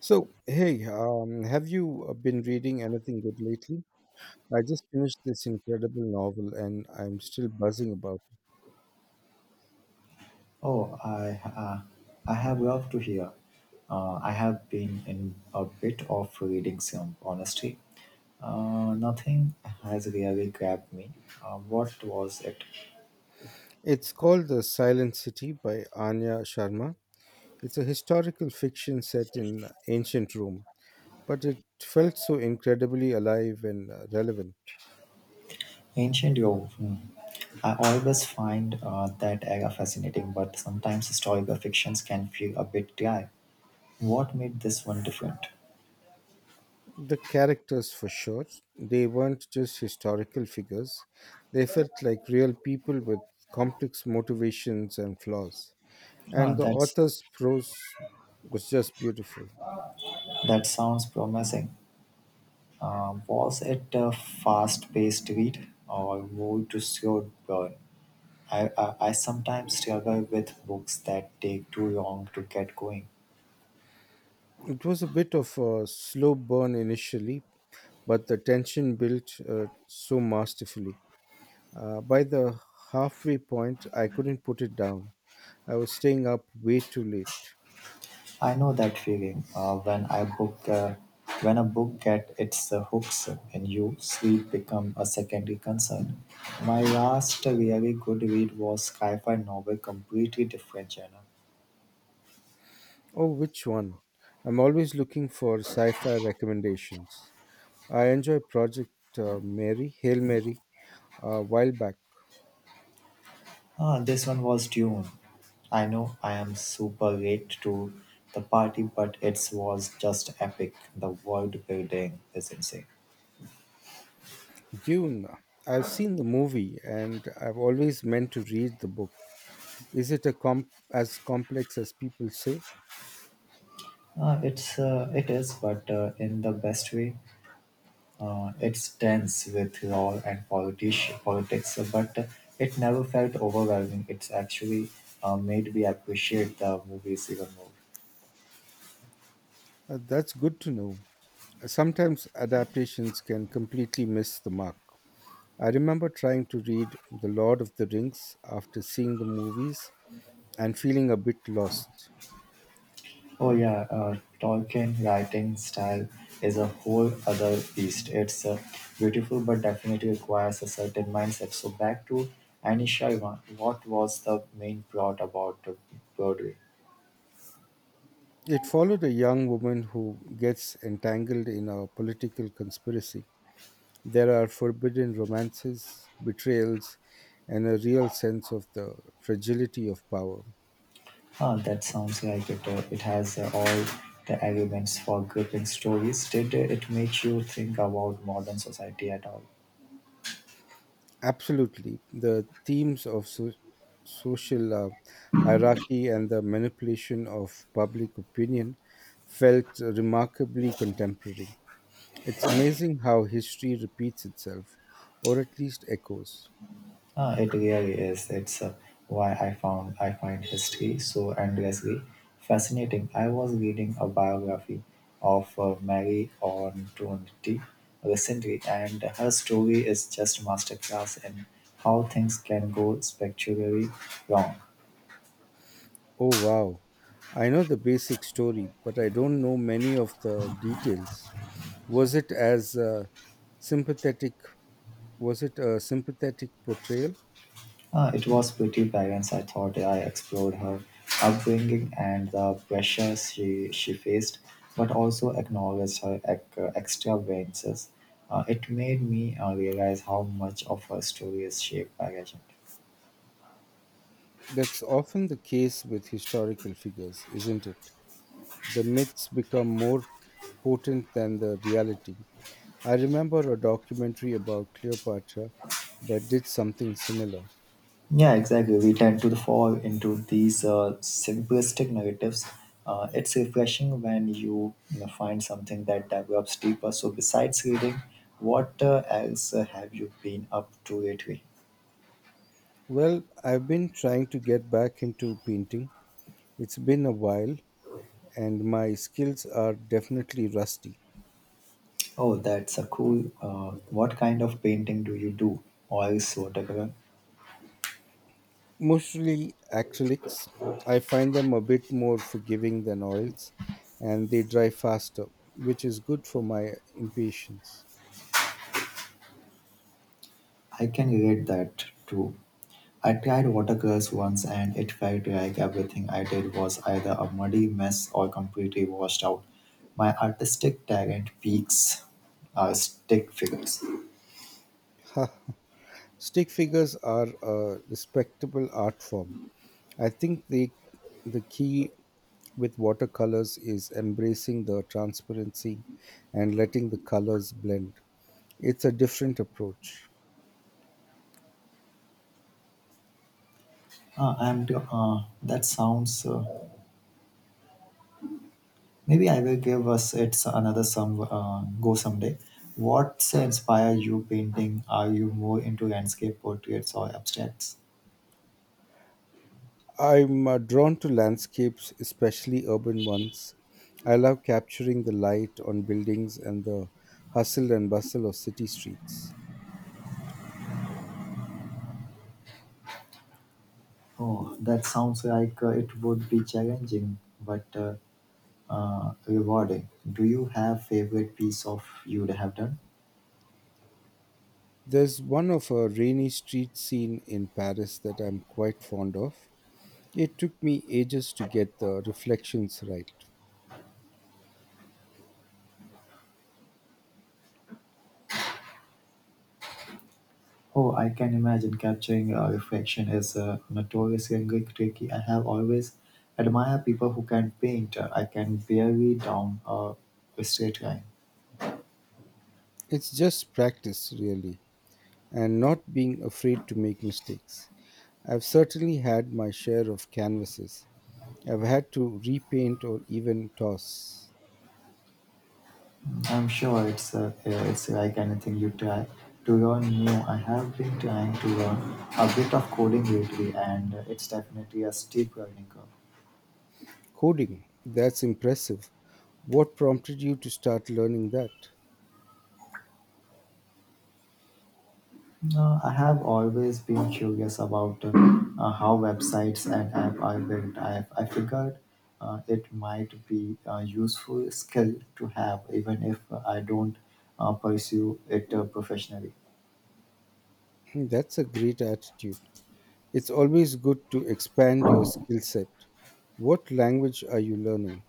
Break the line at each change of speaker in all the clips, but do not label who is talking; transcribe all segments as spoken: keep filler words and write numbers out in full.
So, hey, um, have you uh, been reading anything good lately? I just finished this incredible novel and I'm still buzzing about it.
Oh, I uh, I have loved to hear. Uh, I have been in a bit of reading some honesty. Uh, nothing has really grabbed me. Uh, what was it?
It's called The Silent City by Anya Sharma. It's a historical fiction set in uh, ancient Rome, but it felt so incredibly alive and uh, relevant.
Ancient Rome. Hmm. I always find uh, that era fascinating, but sometimes historical fictions can feel a bit dry. What made this one different?
The characters, for sure, they weren't just historical figures, they felt like real people with complex motivations and flaws.
Ah,
And the
that's
author's prose was just beautiful.
that sounds promising. Um, was it a fast-paced read or more to slow burn? I, I, I sometimes struggle with books that take too long to get going.
It was a bit of a slow burn initially, but the tension built uh, so masterfully. Uh, by the halfway point, I couldn't put it down. I was staying up way too late.
I know that feeling. Uh, when I book, uh, when a book gets its uh, hooks in you, sleep become a secondary concern. My last really good read was sci-fi novel, completely different genre.
Oh, which one? I'm always looking for sci fi recommendations. I enjoy Project uh, Mary, Hail Mary, a while back.
Ah, this one was Dune. I know I am super late to the party, but it was just epic. The world building is insane.
Dune. I've seen the movie and I've always meant to read the book. Is it a comp- as complex as people say?
Uh, it's uh, it is, but uh, in the best way. Uh, it's tense with law and politics, politics, but uh, it never felt overwhelming. It's actually uh, made me appreciate the movies even more.
Uh, that's good to know. Sometimes adaptations can completely miss the mark. I remember trying to read The Lord of the Rings after seeing the movies and feeling a bit lost.
Oh yeah, uh, Tolkien writing style is a whole other beast. It's uh, beautiful, but definitely requires a certain mindset. So back to Anisha, what was the main plot about uh, Broadway?
It followed a young woman who gets entangled in a political conspiracy. There are forbidden romances, betrayals, and a real sense of the fragility of power.
Ah, that sounds like it. Uh, it has uh, all the elements for gripping stories. Did uh, it make you think about modern society at all?
Absolutely. The themes of so- social uh, hierarchy and the manipulation of public opinion felt remarkably contemporary. It's amazing how history repeats itself, or at least echoes.
Ah, it really is. It's uh, why I found I find history so endlessly fascinating. I was reading a biography of uh, Mary Antoinette recently, and her story is just masterclass in how things can go spectacularly wrong.
Oh, wow. I know the basic story, but I don't know many of the details. Was it as uh, sympathetic? Was it a sympathetic portrayal?
Uh, it was pretty balanced. I thought, yeah, I explored her upbringing and the pressures she, she faced, but also acknowledged her ec- uh, extravagances. Uh, it made me uh, realize how much of her story is shaped by legend.
That's often the case with historical figures, isn't it? The myths become more potent than the reality. I remember a documentary about Cleopatra that did something similar.
Yeah, exactly. We tend to fall into these uh, simplistic narratives. Uh, it's refreshing when you, you know, find something that develops deeper. So, besides reading, what uh, else uh, have you been up to lately?
Well, I've been trying to get back into painting. It's been a while, and my skills are definitely rusty.
Oh, that's a cool. Uh, what kind of painting do you do? Oils, watercolor?
Mostly acrylics. I find them a bit more forgiving than oils, and they dry faster, which is good for my impatience.
I can relate that too. I tried watercolors once and it felt like everything I did was either a muddy mess or completely washed out. My artistic talent peaks are stick figures.
Ha! Stick figures are a respectable art form. I think the the key with watercolors is embracing the transparency and letting the colors blend. It's a different approach.
Uh, I'm, uh, that sounds. Uh, maybe I will give us it's another some uh, go someday. What's inspire you painting? Are you more into landscape portraits or abstracts?
I'm uh, drawn to landscapes, especially urban ones. I love capturing the light on buildings and the hustle and bustle of city streets.
Oh, that sounds like uh, it would be challenging, but uh, uh, rewarding. Do you have favorite piece of you'd have done?
There's one of a rainy street scene in Paris that I'm quite fond of. It took me ages to get the reflections right.
Oh, I can imagine capturing a reflection is uh, notoriously tricky. I have always admired people who can paint. Uh, I can barely down uh, a straight line.
It's just practice, really, and not being afraid to make mistakes. I've certainly had my share of canvases I've had to repaint or even toss.
I'm sure it's uh, uh, it's like anything you try to learn new. I have been trying to learn a bit of coding lately, and uh, it's definitely a steep learning curve.
Coding, that's impressive. What prompted you to start learning that?
Uh, I have always been curious about uh, uh, how websites and app are built. I, I figured uh, it might be a useful skill to have, even if I don't uh, pursue it uh, professionally.
Hmm, that's a great attitude. It's always good to expand your skill set. What language are you learning?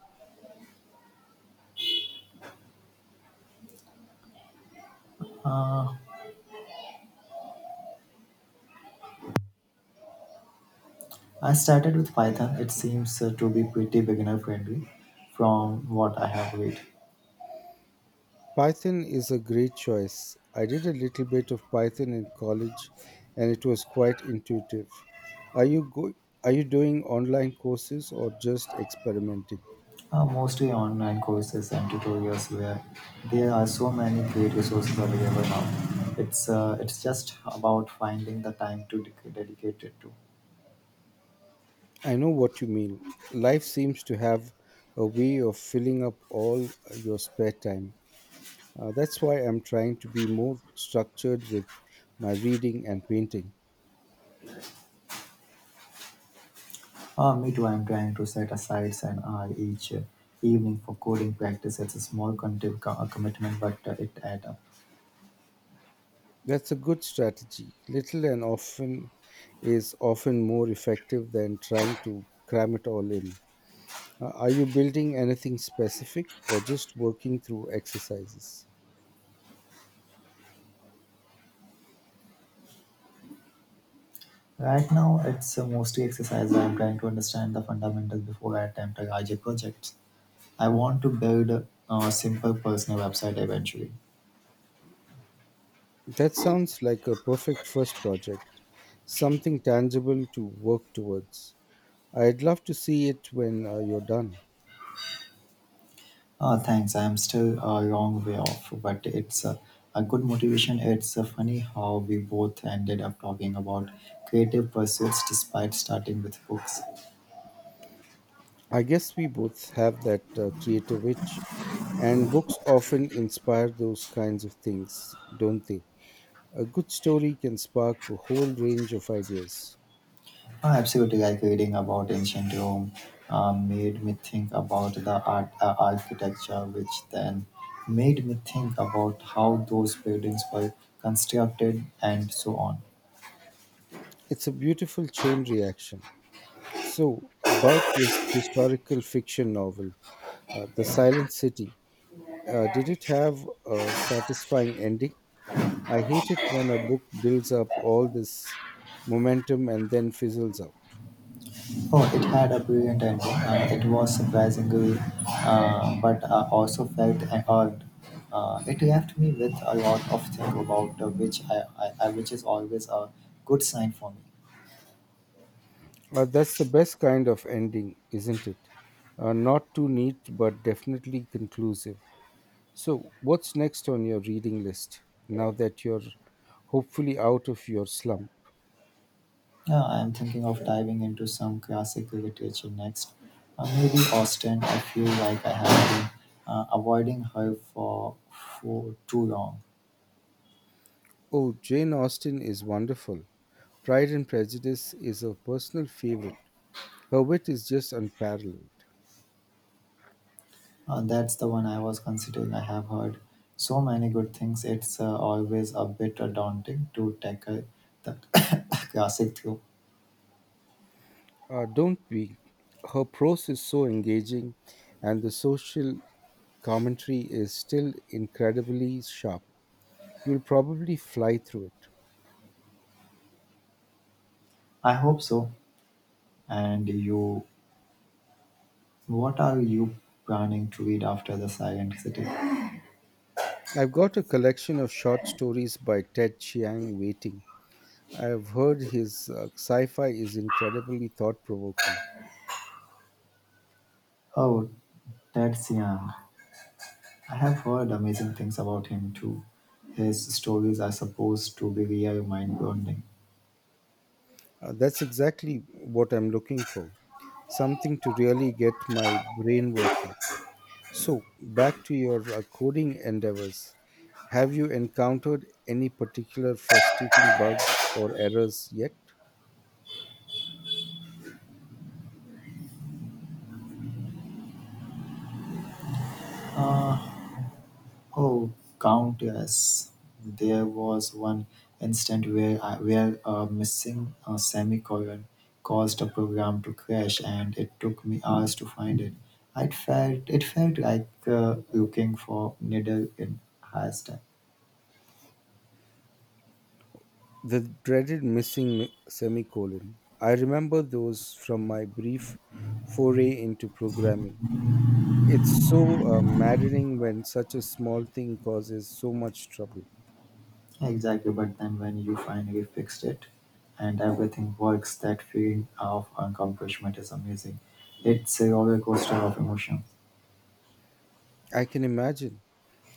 I started with Python. It seems uh, to be pretty beginner friendly from what I have read.
Python is a great choice. I did a little bit of Python in college and it was quite intuitive. Are you go- are you doing online courses or just experimenting?
Uh, mostly online courses and tutorials where there are so many great resources available now. It's uh, it's just about finding the time to dec- dedicate it to.
I know what you mean. Life seems to have a way of filling up all your spare time. Uh, that's why I'm trying to be more structured with my reading and painting.
Uh, me too. I'm trying to set aside an hour each uh, evening for coding practice. It's a small conti- co- uh, commitment, but uh, it adds up.
That's a good strategy. Little and often is often more effective than trying to cram it all in. Uh, are you building anything specific or just working through exercises?
Right now, it's uh, mostly exercise. I'm trying to understand the fundamentals before I attempt a larger project. I want to build a, a simple personal website eventually.
That sounds like a perfect first project, something tangible to work towards. I'd love to see it when uh, you're done.
Uh, thanks. I'm still a long way off, but it's uh, a good motivation. It's uh, funny how we both ended up talking about creative pursuits despite starting with books.
I guess we both have that uh, creative itch, and books often inspire those kinds of things, don't they? A good story can spark a whole range of ideas.
I absolutely like reading about ancient Rome. Uh, made me think about the art uh, architecture, which then made me think about how those buildings were constructed and so on.
It's a beautiful chain reaction. So, about this historical fiction novel, Uh, the Silent City. Uh, did it have a satisfying ending? I hate it when a book builds up all this momentum and then fizzles out.
Oh, it had a brilliant ending. Uh, it was surprisingly, uh, but I also felt hurt. Uh, it left me with a lot of things about uh, which I, I, I, which is always a good sign for me.
Uh, that's the best kind of ending, isn't it? Uh, not too neat, but definitely conclusive. So, what's next on your reading list now that you're hopefully out of your slump?
Yeah, I am thinking of diving into some classic literature next. Uh, maybe Austen. I feel like I have been uh, avoiding her for for too long.
Oh, Jane Austen is wonderful. Pride and Prejudice is a personal favorite. Her wit is just unparalleled.
Uh, that's the one I was considering. I have heard so many good things. It's uh, always a bit uh, daunting to tackle the classic through.
Uh, don't we? Her prose is so engaging, and the social commentary is still incredibly sharp. You'll probably fly through it.
I hope so. And you, what are you planning to read after the Silent City?
I've got a collection of short stories by Ted Chiang waiting. I've heard his uh, sci fi is incredibly thought provoking.
Oh, that's Young. I have heard amazing things about him too. His stories are supposed to be real mind-blowing.
Uh, that's exactly what I'm looking for, something to really get my brain working. So, back to your uh, coding endeavors. Have you encountered any particular frustrating bugs or errors yet?
Oh, countless. There was one instant where, I, where a missing uh, semicolon caused a program to crash, and it took me hours to find it. I felt it felt like uh, looking for needle in haystack.
The dreaded missing mi- semicolon. I remember those from my brief foray into programming. It's so uh, maddening when such a small thing causes so much trouble.
Exactly, but then when you finally fixed it, and everything works, that feeling of accomplishment is amazing. It's a roller coaster of emotion.
I can imagine.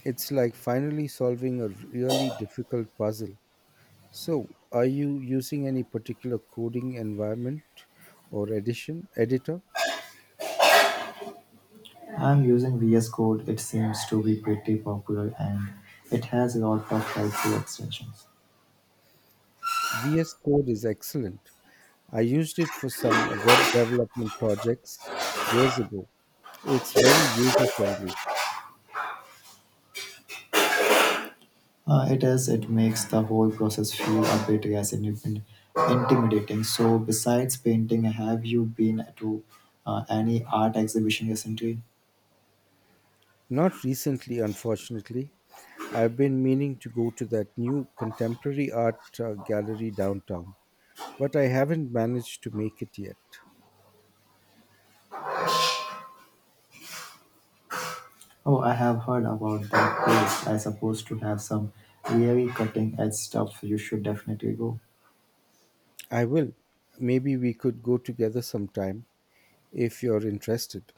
It's like finally solving a really difficult puzzle. So, are you using any particular coding environment or edition editor?
I'm using V S Code, it seems to be pretty popular and it has a lot of helpful extensions.
V S Code is excellent. I used it for some web development projects years ago. It's very user friendly.
Uh, it is, it makes the whole process feel a bit less in- intimidating. So besides painting, have you been to uh, any art exhibition recently?
Not recently, unfortunately. I've been meaning to go to that new contemporary art uh, gallery downtown, but I haven't managed to make it yet.
Oh, I have heard about that place. I supposed to have some really cutting edge stuff. You should definitely go.
I will. Maybe we could go together sometime if you're interested.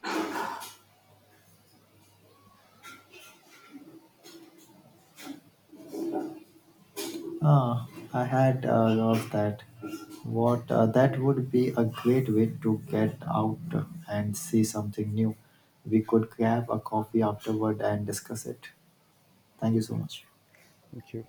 Ah, I had uh, loved that. What uh, that would be a great way to get out and see something new. We could grab a coffee afterward and discuss it. Thank you so much.
Thank you.